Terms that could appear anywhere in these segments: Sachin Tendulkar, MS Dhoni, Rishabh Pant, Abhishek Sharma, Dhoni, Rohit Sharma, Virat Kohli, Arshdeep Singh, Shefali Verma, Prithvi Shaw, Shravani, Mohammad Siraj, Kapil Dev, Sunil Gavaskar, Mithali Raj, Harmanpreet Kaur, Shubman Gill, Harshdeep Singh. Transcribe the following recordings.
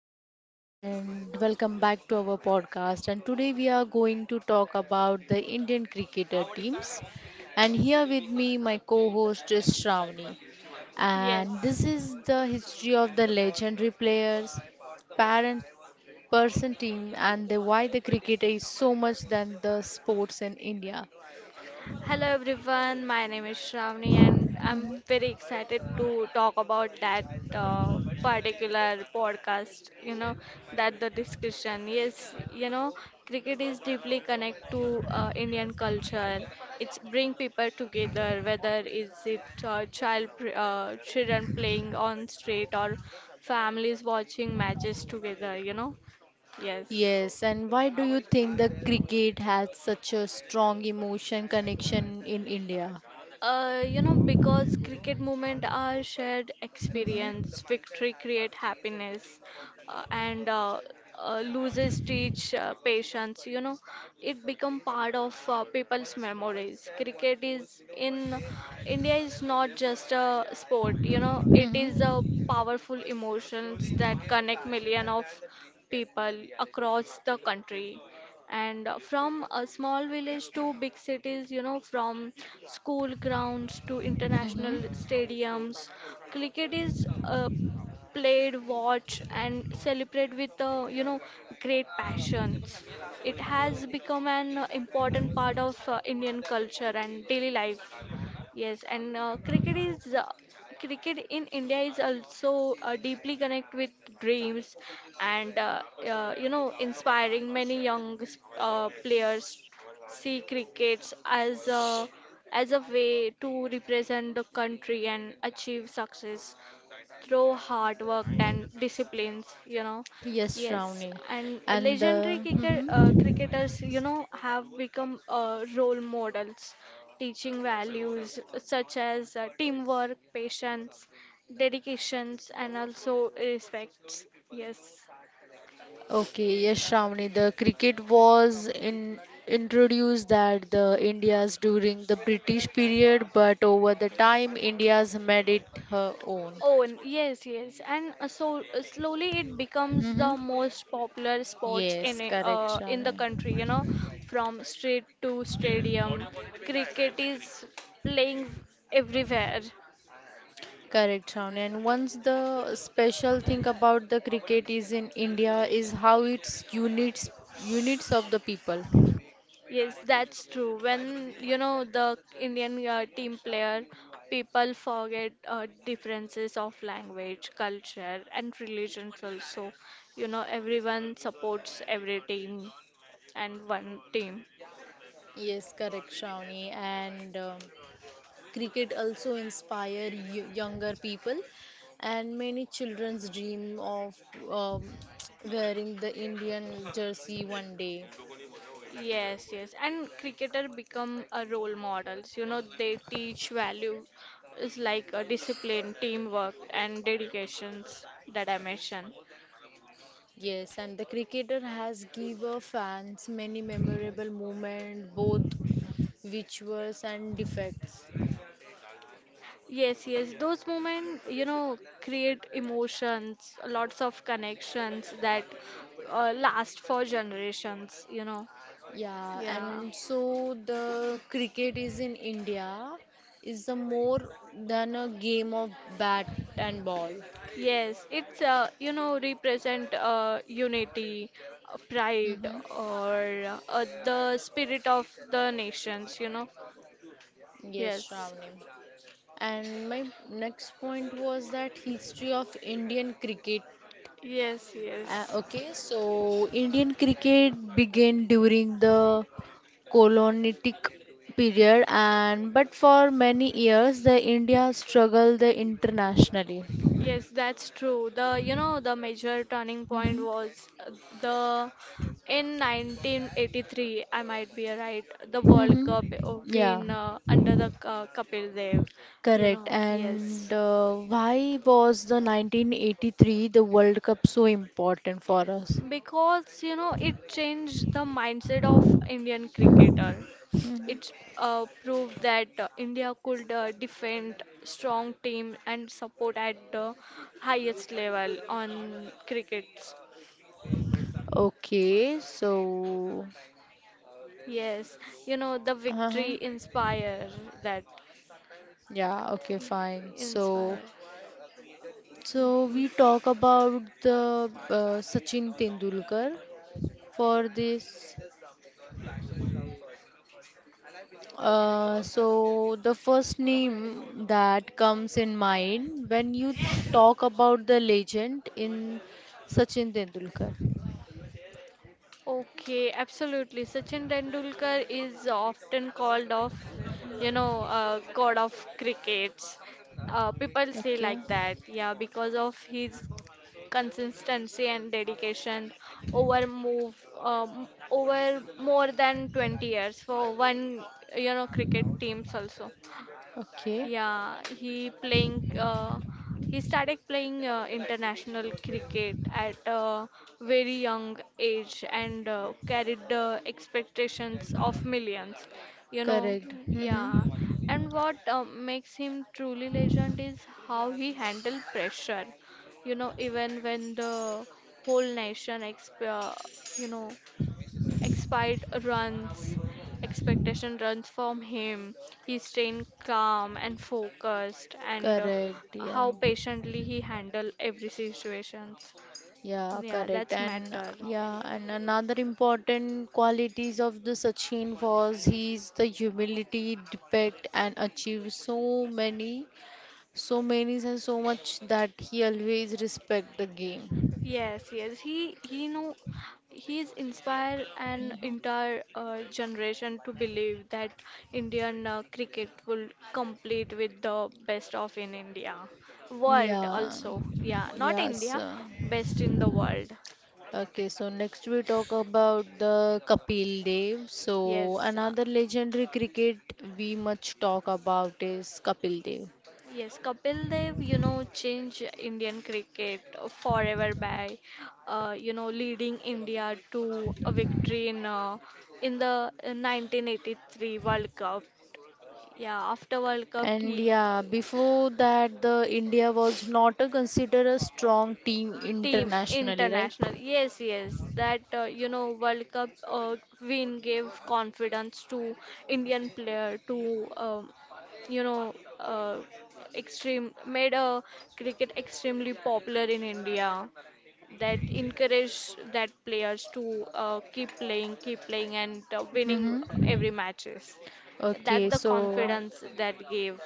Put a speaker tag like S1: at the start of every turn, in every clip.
S1: Shweta and welcome back to our podcast. And today we are going to talk about the Indian cricketer teams. And here with me, my co host is Shravani. And this is the history of the legendary players, parent person team, and the, why the cricket is so much than the sports in India.
S2: Hello everyone, my name is Shravani and I'm
S1: Mhm.
S2: very excited to talk about that particular podcast, that the discussion. Yes, cricket is deeply connected to Indian culture. It's bring people together, whether is it children playing on street or families watching matches together. You know, yes.
S1: Yes, and why do you think the cricket has such a strong emotion connection in India?
S2: Because cricket movement are shared
S1: Mm-hmm.
S2: experience, victory create happiness, and losses teach patience. It become part of people's memories. Cricket is in India is not just a sport. It is a
S1: Mm-hmm.
S2: powerful emotions that connect million of people across the country. And from a small village to big cities, from school grounds to international
S1: Mm-hmm.
S2: stadiums, cricket is played, watched, and celebrated with, great passions. It has become an important part of Indian culture and daily life. Yes, and cricket in India is also deeply connected with dreams and inspiring many young players see cricket as a way to represent the country and achieve success through hard work and disciplines.
S1: Yes,
S2: Yes,
S1: Shravani.
S2: and
S1: And
S2: legendary
S1: the, mm-hmm.
S2: cricketers, have become role models, teaching values such as teamwork, patience, dedications, and also respects. Yes.
S1: Okay, yes, Shravani. The cricket was in introduced that the India's during the British period, but over the time India's made it her own.
S2: Own, yes, yes, and slowly it becomes
S1: Mm-hmm.
S2: the most popular sports in
S1: Yes,
S2: it,
S1: correct,
S2: in the
S1: Shravani.
S2: country. From street to stadium, cricket is playing everywhere.
S1: Correct, Shravani. And once the special thing about the cricket is in India is how it's units of the people.
S2: Yes, that's true. When the Indian team player, people forget differences of language, culture, and religions also. You know, everyone supports every team and one team.
S1: Yes, correct, Shravani. And cricket also inspire y younger people, and many children's dream of um, wearing the Indian jersey one day.
S2: Yes, yes. And cricketer become a role models. You know, they teach value is like a discipline, teamwork, and dedications that I mentioned.
S1: Yes, and the cricketer has give our fans many memorable moments, both victories and defeats.
S2: Yes, yes. Those moments, you know, create emotions, lots of connections that last for generations, you know.
S1: Yeah,
S2: Yeah.
S1: and so the cricket is in India is the more than a game of bat and ball.
S2: Yes, it's represent unity, pride,
S1: Mm-hmm.
S2: or the spirit of the nations. You know.
S1: Yes,
S2: Yes.
S1: Shravani. And my next point was that history of Indian cricket.
S2: Yes, yes.
S1: Okay, so Indian cricket began during the colonitic period and but for many years the India struggled the internationally.
S2: Yes, that's true. The the major turning point
S1: Mm-hmm.
S2: was the in 1983, I might be right, the World
S1: Hmm.
S2: Cup
S1: Yeah.
S2: win under the Kapil Dev.
S1: Correct. And
S2: Yes,
S1: why was the 1983 the World Cup so important for us?
S2: because it changed the mindset of Indian cricketer.
S1: Mhm.
S2: It proved that India could defend strong team and support at the highest level on crickets.
S1: Okay, so
S2: Yes, the
S1: uh-huh.
S2: victory inspire that.
S1: Yeah, okay, fine. So
S2: Inspire.
S1: so we talk about the Sachin Tendulkar for this. So the
S2: Mm.
S1: first name that comes in mind when you talk about the legend in Sachin Tendulkar.
S2: Okay, absolutely. Sachin Tendulkar is often called of, god of cricket. People say
S1: Okay.
S2: like that, yeah, because of his consistency and dedication over move over more than 20 years for one, cricket teams also.
S1: Okay,
S2: Yeah, he playing. He started playing international cricket at a very young age and carried the expectations of millions. You know,
S1: correct. Mm-hmm.
S2: yeah. And what makes him truly legend is how he handled pressure. You know, even when the whole nation you know Expired runs, expectation runs from him. He stayed calm and focused, and
S1: Correct, yeah,
S2: how patiently he handled every situations.
S1: yeah,
S2: Yeah,
S1: correct.
S2: that's
S1: And
S2: matter.
S1: yeah, and another important qualities of the Sachin was his the humility depict and achieve so many and so much that he always respect the game.
S2: Yes, yes. He is inspired an
S1: Mhm.
S2: entire generation to believe that Indian cricket will complete with the best of in India, world
S1: Yeah,
S2: also. Yeah, not
S1: yes.
S2: India, best in the world.
S1: Okay, so next we talk about the Kapil Dev. So
S2: Yes,
S1: another legendary cricket we much talk about is Kapil Dev.
S2: yes, Kapil Dev, you know, changed Indian cricket forever by, leading India to a victory in the 1983 World Cup. Yeah, after World Cup,
S1: And
S2: he
S1: yeah, before that the India was not considered a strong team
S2: team
S1: internationally, right?
S2: international. Yes, yes, that World Cup win gave confidence to Indian player to you know uh, extreme made a cricket extremely popular in India, that encourage that players to keep playing and winning
S1: Mm-hmm.
S2: every matches.
S1: Okay,
S2: That the
S1: so
S2: confidence that gave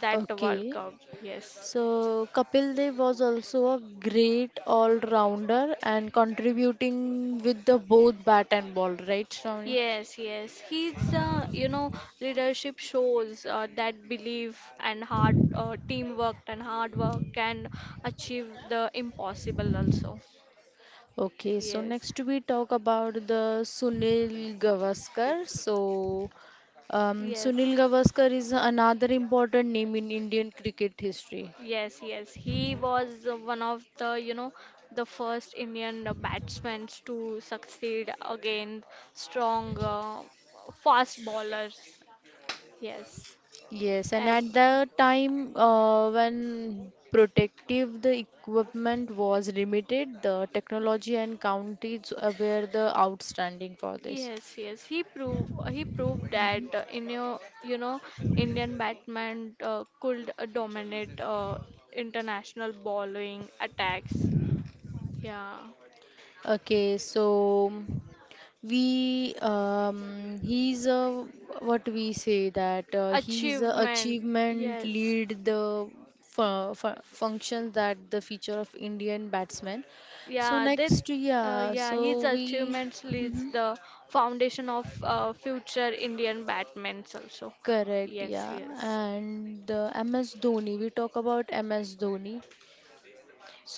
S2: that World
S1: okay.
S2: Cup. Yes.
S1: So Kapil Dev was also a great all-rounder and contributing with the both bat and ball, right, Shravani?
S2: Yes, yes. He's, leadership shows that belief and hard teamwork and hard work can achieve the impossible also.
S1: Okay, so
S2: Yes,
S1: next we talk about the Sunil Gavaskar. So,
S2: yes,
S1: Sunil Gavaskar is another important name in Indian cricket history.
S2: yes, yes. He was one of the, the first Indian batsmen to succeed against strong, fast bowlers. Yes.
S1: Yes, and
S2: At
S1: at the time when protective the equipment was limited, the technology and counties were the outstanding for this.
S2: yes, he proved that
S1: Mhm.
S2: in your you know Indian Batman could dominate international bowling attacks. Yeah,
S1: Okay, so. We he's a what we say that he's a
S2: achievement.
S1: achievement
S2: Yes,
S1: lead the functions that the feature of Indian batsman. So
S2: yeah, they
S1: next, yeah,
S2: yeah, his
S1: so we
S2: achievements leads
S1: mhm,
S2: the foundation of future Indian Batmans also.
S1: correct,
S2: Yes,
S1: yeah,
S2: yes.
S1: and MS Dhoni. We talk about MS Dhoni.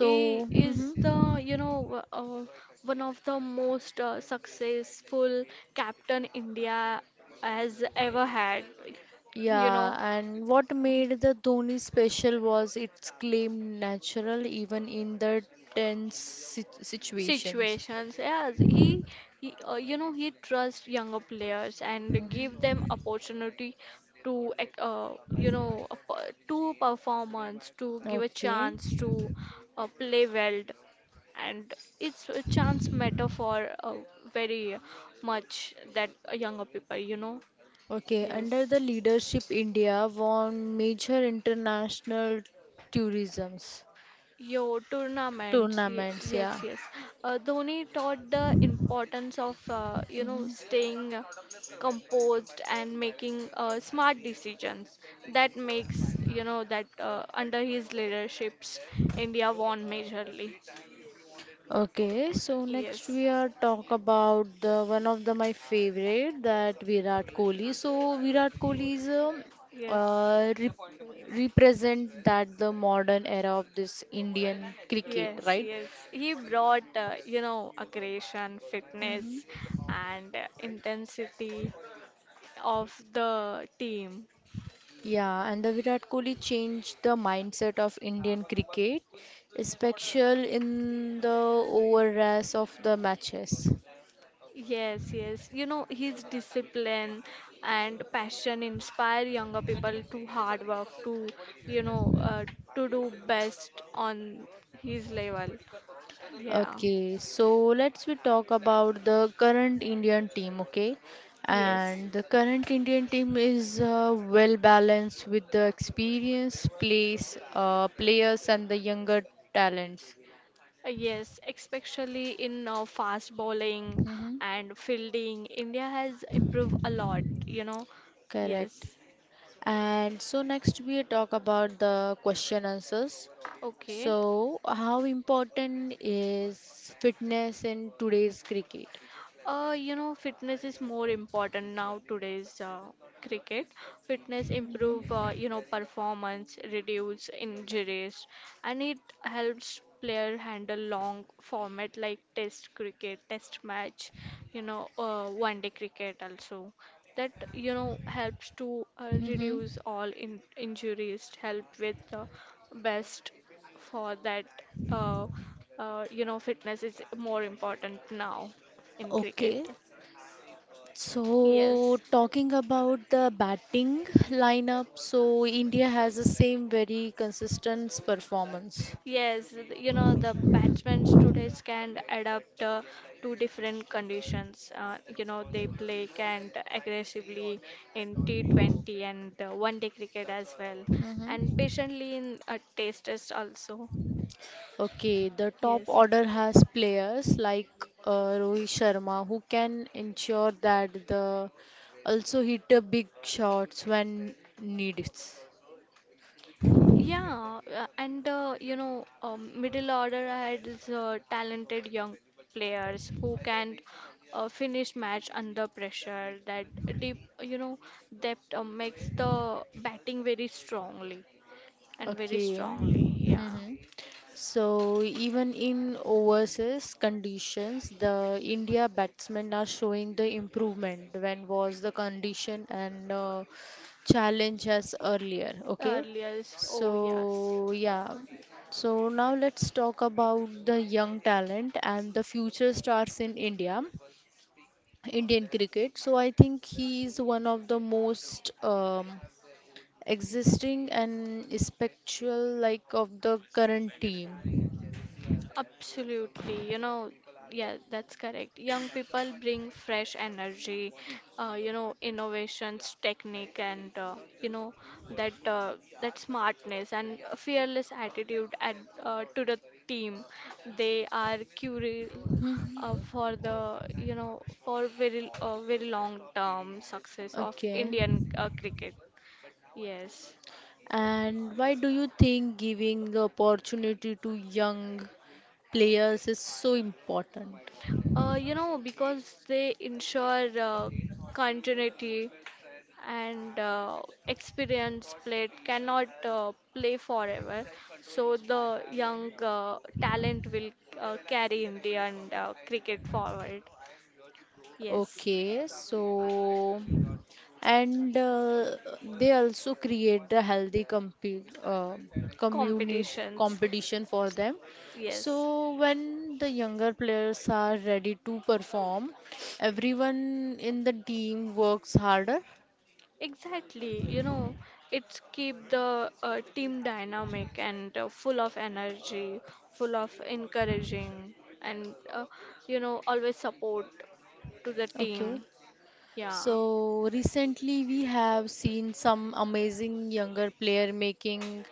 S2: He is the, one of the most successful captain India has ever had. You know,
S1: Yeah, and what made the Dhoni
S2: so
S1: special
S2: at
S1: was
S2: first, my
S1: its
S2: family was
S1: claim
S2: confused, but
S1: natural
S2: they did not
S1: even
S2: just
S1: in the
S2: understand what
S1: tense
S2: social media work really means.
S1: situations.
S2: Situations. Yes, he he trusts younger players and give
S1: Mhm.
S2: them opportunity to ec- uh, to performance, to give a
S1: Okay.
S2: chance to play well, and it's a chance matter for very much that younger people, you know.
S1: Okay,
S2: Yes.
S1: under the leadership, India won major international tourisms
S2: Yo, tournaments.
S1: tournaments, yeah.
S2: Yes, yes. Dhoni taught the importance of,
S1: Mhm.
S2: staying composed and making smart decisions. That makes, you know, that under his leaderships, India won majorly.
S1: Okay, so next
S2: Yes,
S1: we are talk about the one of the my favorite that Virat Kohli. So Virat Kohli is
S2: yes,
S1: uh, rep represent that the modern era of this Indian cricket,
S2: yes,
S1: right?
S2: yes. He brought, aggression,
S1: Hmm.
S2: fitness, and intensity of the team.
S1: Yeah, and the Virat Kohli changed the mindset of Indian cricket, especially in the overrush of the matches.
S2: Yes, yes. You know, his discipline and passion inspire younger people to hard work, to, you know, uh, to do best on his level. Yeah.
S1: Okay, so let's we talk about the current Indian team, okay?
S2: Yes.
S1: And the current Indian team is well balanced with the experience, players and the younger talents.
S2: Yes, especially in fast bowling
S1: Mm-hmm.
S2: and fielding, India has improved a lot, you know.
S1: Correct.
S2: Yes.
S1: And so next we talk about the question answers.
S2: Okay.
S1: So how important is fitness in today's cricket?
S2: You know, fitness is more important now today's cricket. Fitness improve, performance, reduce injuries, and it helps player handle long format like test cricket, test match, one day cricket also. That you know helps to
S1: Mm-hmm.
S2: reduce all in injuries, help with the best for that. Uh, you know, fitness is more important now in cricket.
S1: Okay, so,
S2: Yes.
S1: talking about the batting lineup, so India has the same very consistent performance.
S2: Yes, you know, the batsmen today can adapt to different conditions. You know, they play can aggressively in T20 and one day cricket as well, and
S1: Hmm.
S2: patiently in test test also.
S1: Okay, the top
S2: Yes.
S1: order has players like Rohit Sharma who can ensure that the also hit a big shots when needed.
S2: Yeah, middle order has talented young players who can finish match under pressure. That deep, you know, depth makes the batting very strongly and very
S1: Okay.
S2: strongly. Yeah,
S1: Hmm. So even in overseas conditions, the India batsmen are showing the improvement when was the condition and challenge as earlier. Okay.
S2: earliest. Oh yes.
S1: So yeah. So now let's talk about the young talent and the future stars in Indian cricket. So I think he is one of the most existing and spectral like of the current team.
S2: Absolutely, you know, yeah, that's correct. Young people bring fresh energy, innovations, technique, and you know that that smartness and a fearless attitude at, to the team. They are curious
S1: Mhm.
S2: for the for very long term success of
S1: Okay.
S2: Indian cricket. Yes.
S1: And why do you think giving the opportunity to young players is so important?
S2: You know, because they ensure continuity and experienced played cannot play forever, so the young talent will carry Indian cricket forward. Yes.
S1: Okay, so and they also create a healthy uh,
S2: Competitions.
S1: competition for them,
S2: Yes.
S1: so when the younger players are ready to perform, everyone in the team works harder.
S2: Exactly, you know, it's keep the team dynamic and full of energy, full of encouraging, and always support to the
S1: Okay,
S2: team. Yeah.
S1: so recently we have seen some amazing younger player making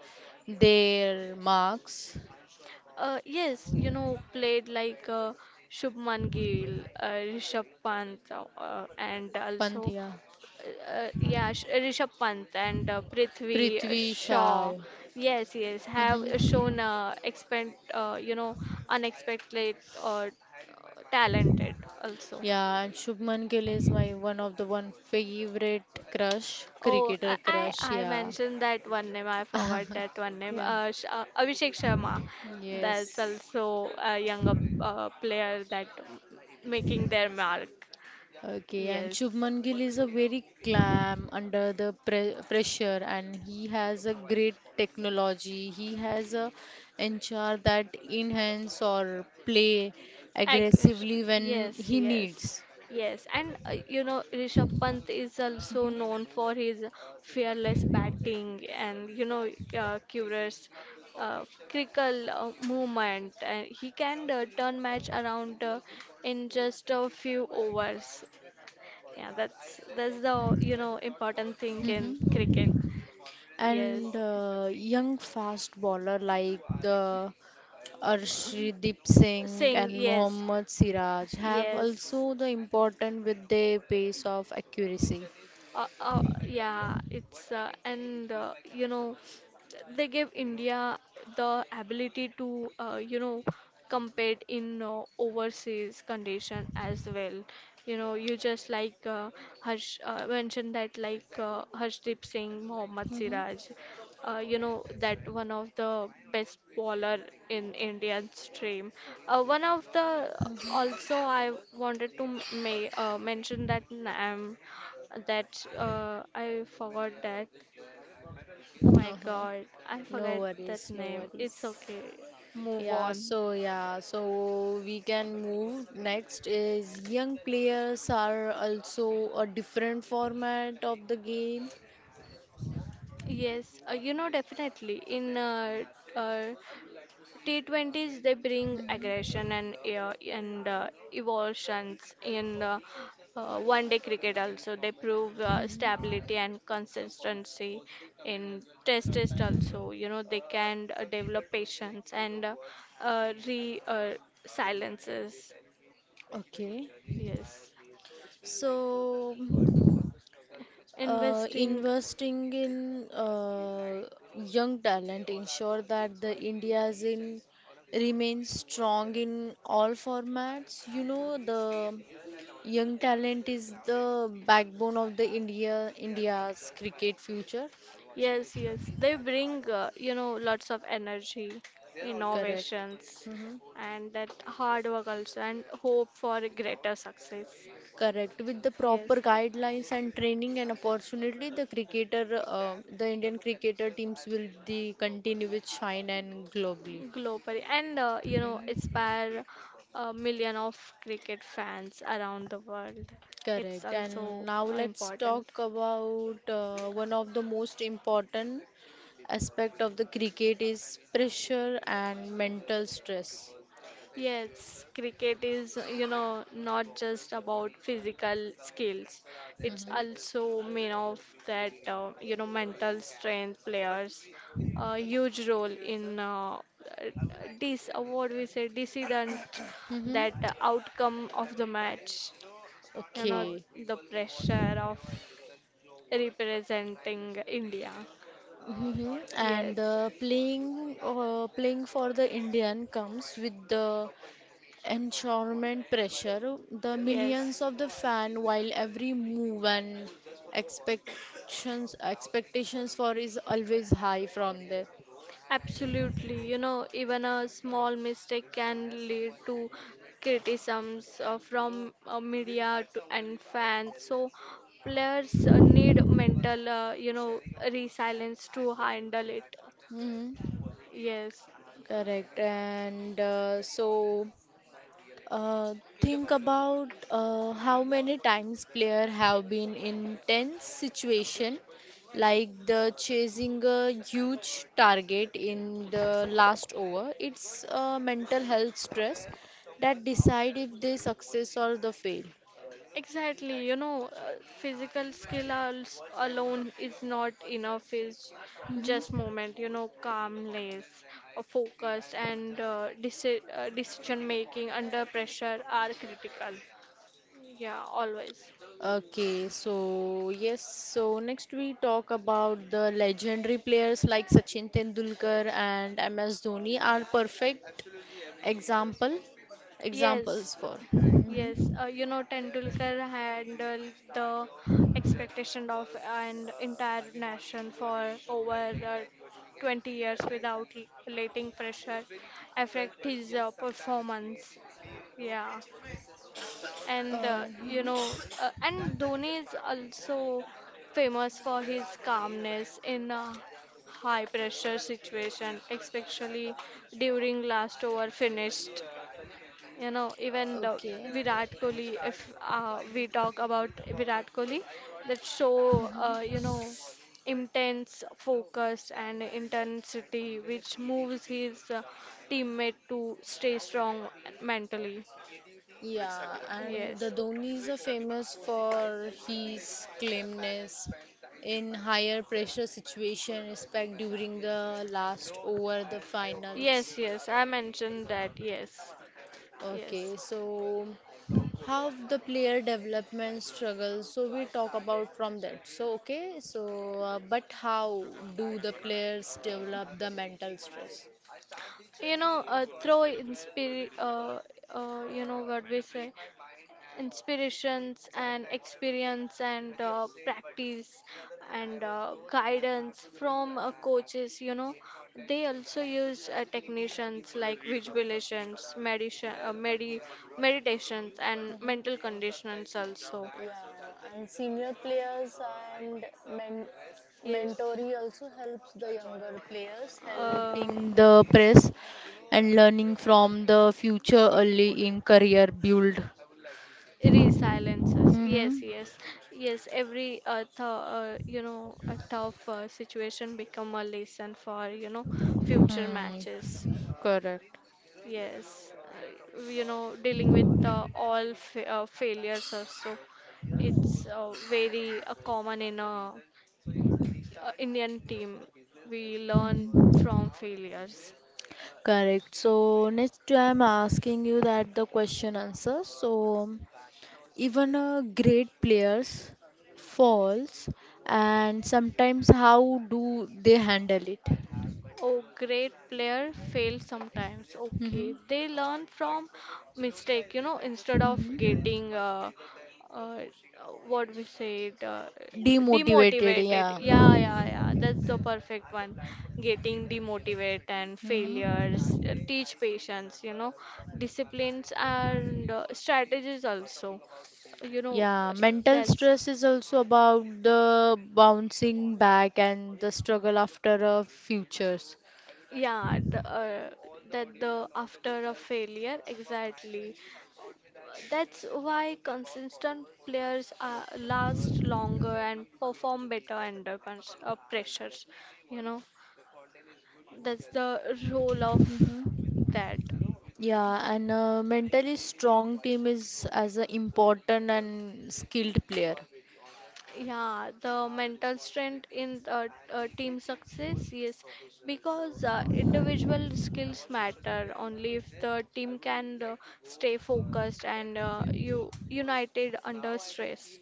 S1: their marks.
S2: Yes, you know, played like Shubman Gill, Rishabh Pant, and
S1: Pant,
S2: also,
S1: yeah.
S2: Rishabh Pant and Prithvi
S1: Prithvi
S2: Shaw.
S1: Shaw.
S2: Yes, yes, have
S1: Mhm.
S2: shown unexpected or talented also.
S1: Yeah, and Shubman Gill is my one of the one favorite crush,
S2: Oh,
S1: cricketer
S2: I
S1: crush.
S2: I I
S1: Yeah,
S2: mentioned that one name. I forgot that one name.
S1: yeah,
S2: Abhishek Sharma. That's
S1: yes.
S2: also a younger player that making their mark.
S1: Okay, and
S2: Yes.
S1: Shubman Gill is a very calm under the pressure, and he has a great technology. He has a ensure that enhance or play
S2: Ag-
S1: aggressively when
S2: yes,
S1: he
S2: yes,
S1: needs.
S2: yes. And you know, Rishabh Pant is also known for his fearless batting and you know, curious critical movement. And he can turn match around in just a few overs. Yeah, that's the you know important thing in
S1: Mhm.
S2: cricket. Yes,
S1: And young fast bowler like the Arshdeep Singh
S2: Singh.
S1: and
S2: Yes,
S1: Mohammad Siraj have
S2: yes,
S1: also the important with their pace of accuracy.
S2: yeah it's and you know they gave India the ability to compete in overseas condition as well, you know, you just like harsh mentioned that like Harshdeep Singh, Mohammad
S1: Mm-hmm.
S2: Siraj, uh, you know that one of the best bowler in Indian stream, one of the also I wanted to mention that um, I forgot that. Oh my
S1: Uh-huh.
S2: god, I
S1: No
S2: forgot that
S1: worries, no
S2: name. It's
S1: worries.
S2: okay. Move
S1: Yeah,
S2: on.
S1: so yeah, so we can move. Next is young players are also a different format of the game.
S2: Yes, definitely in uh, T20s they bring
S1: Mm-hmm.
S2: aggression and evolutions in one day cricket also, they prove
S1: Mm-hmm.
S2: stability and consistency in test test also, you know, they can develop patience and re silences.
S1: Okay.
S2: Yes.
S1: So.
S2: Investing.
S1: Investing in young talent ensure that the India's in remains strong in all formats. You know, the young talent is the backbone of the India's cricket future.
S2: Yes, yes. Journey. They and I bring, lots of energy, they are always
S1: Correct.
S2: innovations,
S1: Hmm.
S2: me, and that, and they hard work also, and hope for a greater success.
S1: Correct. With the proper
S2: Yes,
S1: guidelines and training and opportunity, the the Indian cricketer teams will the continue with shine and globally.
S2: and globally and
S1: Mhm.
S2: inspire a million of cricket fans around the world. It's
S1: Correct. And
S2: also
S1: now let's
S2: important.
S1: talk about one of the most important aspect of the cricket is pressure and mental stress.
S2: Yes, cricket is, you know, not just about physical skills. It's
S1: Mhm.
S2: also mean of that, you know, mental strength players a huge role in this what we say decision
S1: Mm-hmm.
S2: that outcome of the match. You know,
S1: Okay.
S2: the pressure of representing India.
S1: Mm-hmm. And
S2: Yes.
S1: the playing playing for the Indian comes with the enshorement pressure, the millions
S2: Yes.
S1: of the fan while every move and expectations for is always high from there.
S2: Absolutely. You know, even a small mistake can lead to criticisms from media to, and fans. So players need mental, you know, resilience to handle it.
S1: Hmm.
S2: Yes.
S1: Correct. And so uh, think about how many times player have been in tense situation like the chasing a huge target in the last over. It's mental health stress that decide if they success or the fail.
S2: Exactly, you know, physical skill alone is not enough. Is just moment, you know, calmness, focus, and decision making under pressure are critical. Yeah, always.
S1: Okay, so yes, so next we talk about the legendary players like Sachin Tendulkar and MS Dhoni are perfect example examples
S2: Yes,
S1: for.
S2: yes,
S1: Mhm.
S2: you know, Tendulkar handled the expectation of an entire nation for over 20 years without letting pressure affect his performance. Yeah, and you
S1: Mhm.
S2: know, and Dhoni is also famous for his calmness in a high pressure situation, especially during last over finished. You know, even the
S1: Okay.
S2: Virat Kohli, if we talk about Virat Kohli, that show,
S1: Mhm.
S2: you know, intense focus and intensity which moves his teammate to stay strong mentally.
S1: Yeah, and the
S2: Yes.
S1: Dhoni is famous for his calmness in higher pressure situation, respect during the last over the finals.
S2: Yes, yes, I mentioned that. Yes,
S1: Okay,
S2: yes.
S1: so how the player development struggles. So we talk about from that. So okay, so but how do the players develop the mental stress?
S2: You know, through inspir you know what we say inspirations and experience and practice and guidance from coaches, you know they also use technicians like visualizations, meditation, meditations, and mental conditionings also.
S1: Yeah, and senior players and
S2: Yes,
S1: mentoree also helps the younger players
S2: uh,
S1: helping the press and learning from the future early in career build.
S2: resilences.
S1: Mm-hmm.
S2: Yes, yes, yes. Every th you know, a tough situation become a lesson for, you know, future
S1: Hmm.
S2: matches.
S1: Correct.
S2: Yes, you know, dealing with all fa failures also. It's very common in a Indian team. We learn from failures.
S1: Correct. So next I'm asking you that the question answer. So even a great players falls and sometimes how do they handle it?
S2: Oh, great player fail sometimes. Okay,
S1: Mm-hmm.
S2: they learn from mistake, you know, instead of
S1: Mm-hmm.
S2: getting uh, what we said,
S1: Demotivated,
S2: demotivated,
S1: yeah.
S2: yeah, yeah, yeah, that's the perfect one. Getting demotivated, and
S1: Hmm.
S2: failures teach patience, you know, disciplines and strategies also, you know.
S1: Yeah, mental
S2: That's
S1: stress is also about the bouncing back and the struggle after futures.
S2: yeah, the, that the after a failure, exactly. That's why consistent players are, last longer and perform better under pressures. You know, that's the role of
S1: Mm-hmm.
S2: that.
S1: Yeah, and a mentally strong team is as an important and skilled player.
S2: And yeah, the have mental strength responsibilities in and they team, they think you success, yes, professional. So because our strategy, individual skills matter only if the team can like stay focused and, you united under stress.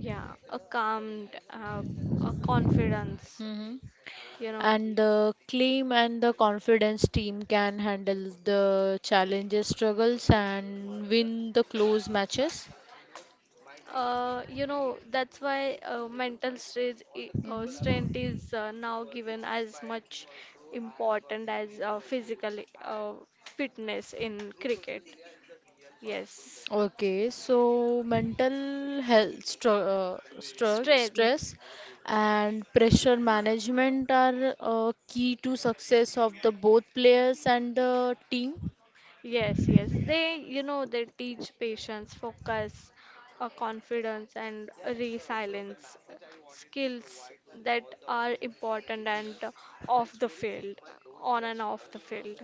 S2: Yeah, a calm, a confidence,
S1: Hmm.
S2: you know.
S1: And the claim and the confidence team can handle the challenges, struggles, and win the close matches.
S2: You know, that's why strength
S1: Hmm.
S2: is now given as much important as physical uh, fitness in cricket. Yes,
S1: Okay, so mental health, stru stru
S2: strength.
S1: stress, and pressure management are key to success of the both players and the team.
S2: Yes, yes. They, you know, they teach patience, focus, confidence, and resilience, skills that are important, and off the field, on and off the field.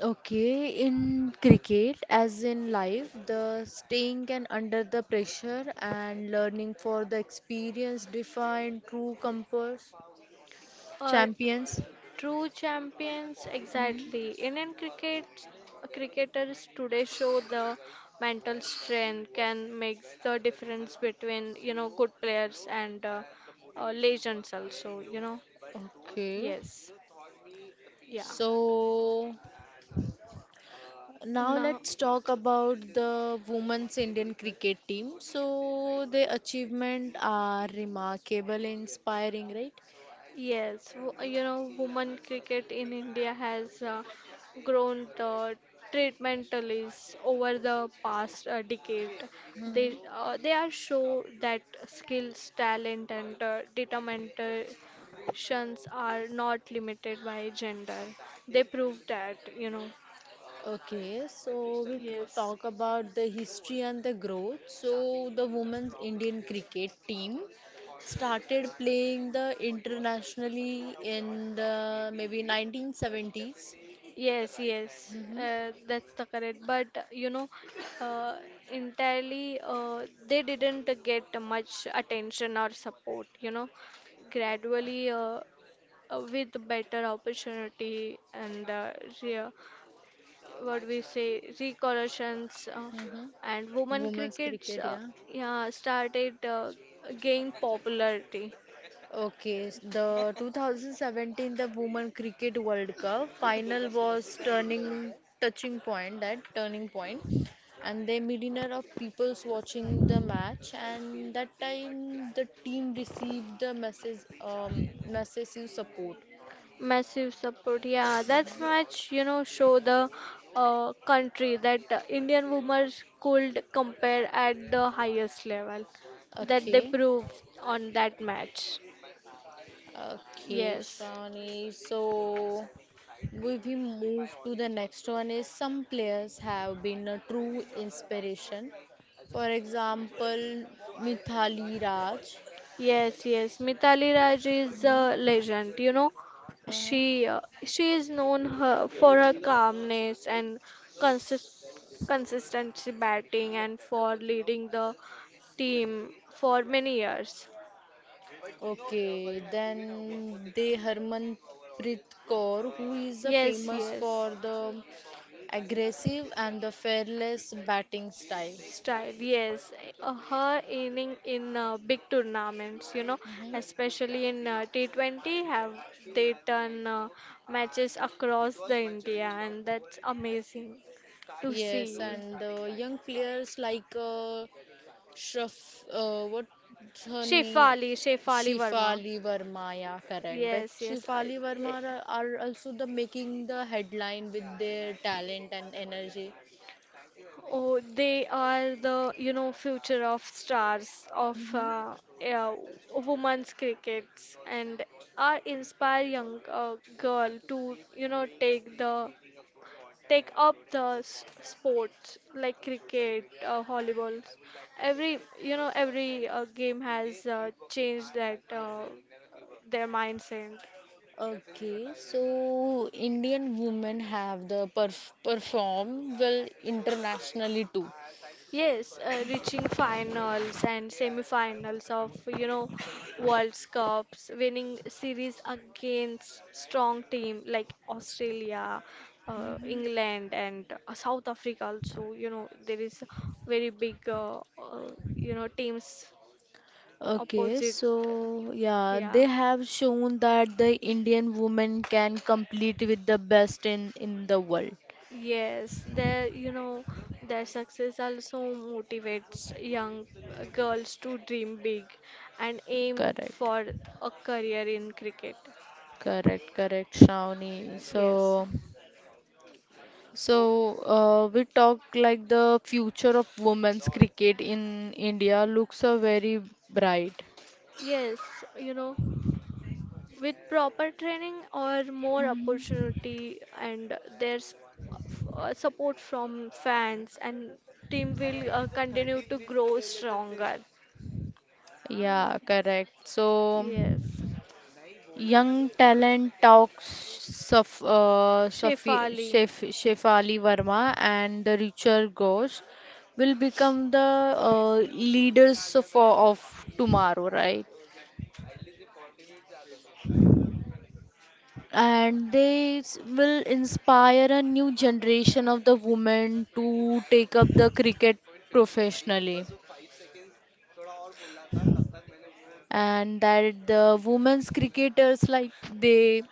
S1: Okay, in cricket, as in life, the staying and under the pressure and learning for the experience define true compass
S2: Uh,
S1: champions.
S2: True champions,
S1: Mhm.
S2: exactly. Indian cricketers today show the mental strength can make the difference between, you know, good players and legends also. You know,
S1: Okay,
S2: yes, yeah.
S1: so now
S2: Now,
S1: let's talk about the women's Indian cricket team. So their achievement are remarkable, inspiring, right?
S2: yes, you know, women cricket in India has grown the treatment over the past decade.
S1: Mhm.
S2: They are show that skills, talent, and determinations are not limited by gender. They prove that, you know.
S1: Okay, so we
S2: Yes.
S1: talk about the history and the growth. So the women's Indian cricket team started playing the internationally in the maybe 1970s.
S2: Yes, yes,
S1: Mm-hmm.
S2: that's the correct. But you know, uh, entirely, they didn't get much attention or support. You know, gradually, with better opportunity and re- what we say, recollections, and
S1: Mm-hmm.
S2: women
S1: Women's
S2: crickets,
S1: cricket, yeah.
S2: yeah, started gain popularity.
S1: Okay, the 2017 the Women Cricket World Cup final was turning touching point that turning point, and the millionaire of peoples watching the match, and that time the team received the message massive support.
S2: Massive support, yeah, that's much, you know, show the country that Indian women could compare at the highest level that they
S1: Okay.
S2: proved on that match.
S1: Okay,
S2: Yes.
S1: Shravani. So, if we move to the next one is some players have been a true inspiration. For example, Mithali Raj.
S2: Yes, yes. Mithali Raj is
S1: Mhm.
S2: a legend. You know,
S1: Uh-huh.
S2: she is known her, for her calmness and consistency batting and for leading the team for many years.
S1: Okay, then they Harmanpreet Kaur, who is the
S2: Yes,
S1: famous
S2: yes.
S1: for the aggressive and the fearless batting style.
S2: Style, yes. Her inning in big tournaments, you know,
S1: Mhm.
S2: especially in T20, have they done matches across the India, and that's amazing to
S1: Yes,
S2: see.
S1: and the young players like what's her name?
S2: Shefali Verma.
S1: Shefali Verma, yeah, correct. That
S2: Yes, yes. I-
S1: Shefali Verma are also the making the headline with their talent and energy.
S2: oh, they are the, you know, future of stars of
S1: Hmm.
S2: uh, women's crickets and are inspire young girl to, you know, take up the sports like cricket, volleyball. Every, you know, every game has changed that their mindset.
S1: Okay, so Indian women have the perform well internationally too.
S2: Yes, reaching finals and semi-finals of, you know, World Cups, winning series against strong team like Australia,
S1: Hmm.
S2: England, and South Africa. Also, you know, there is very big you know teams
S1: Okay,
S2: opposite.
S1: so yeah, they
S2: Yeah,
S1: have shown that the Indian woman can compete with the best in the world.
S2: yes, their, you know, their success also motivates young girls to dream big and aim
S1: Correct.
S2: for a career in cricket.
S1: Correct, correct, Shravani.
S2: Yes.
S1: So, we talk like the future of women's cricket in India looks very bright.
S2: Yes, you know, with proper training or more
S1: Mhm.
S2: opportunity and their support from fans and team will continue to grow stronger.
S1: Yeah, correct. So,
S2: Yes.
S1: young talent talks Saf, uh, Safi,
S2: Shefali.
S1: Shef, Shefali Verma and the Richard Ghosh will become the uh, leaders for of tomorrow, right? And they will inspire a new generation of the women to take up the cricket professionally, and that the women's cricketers like they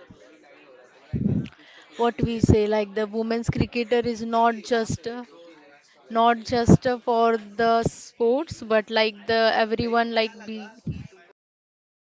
S1: what we say like the women's cricketer is not just for the sports but like the everyone like be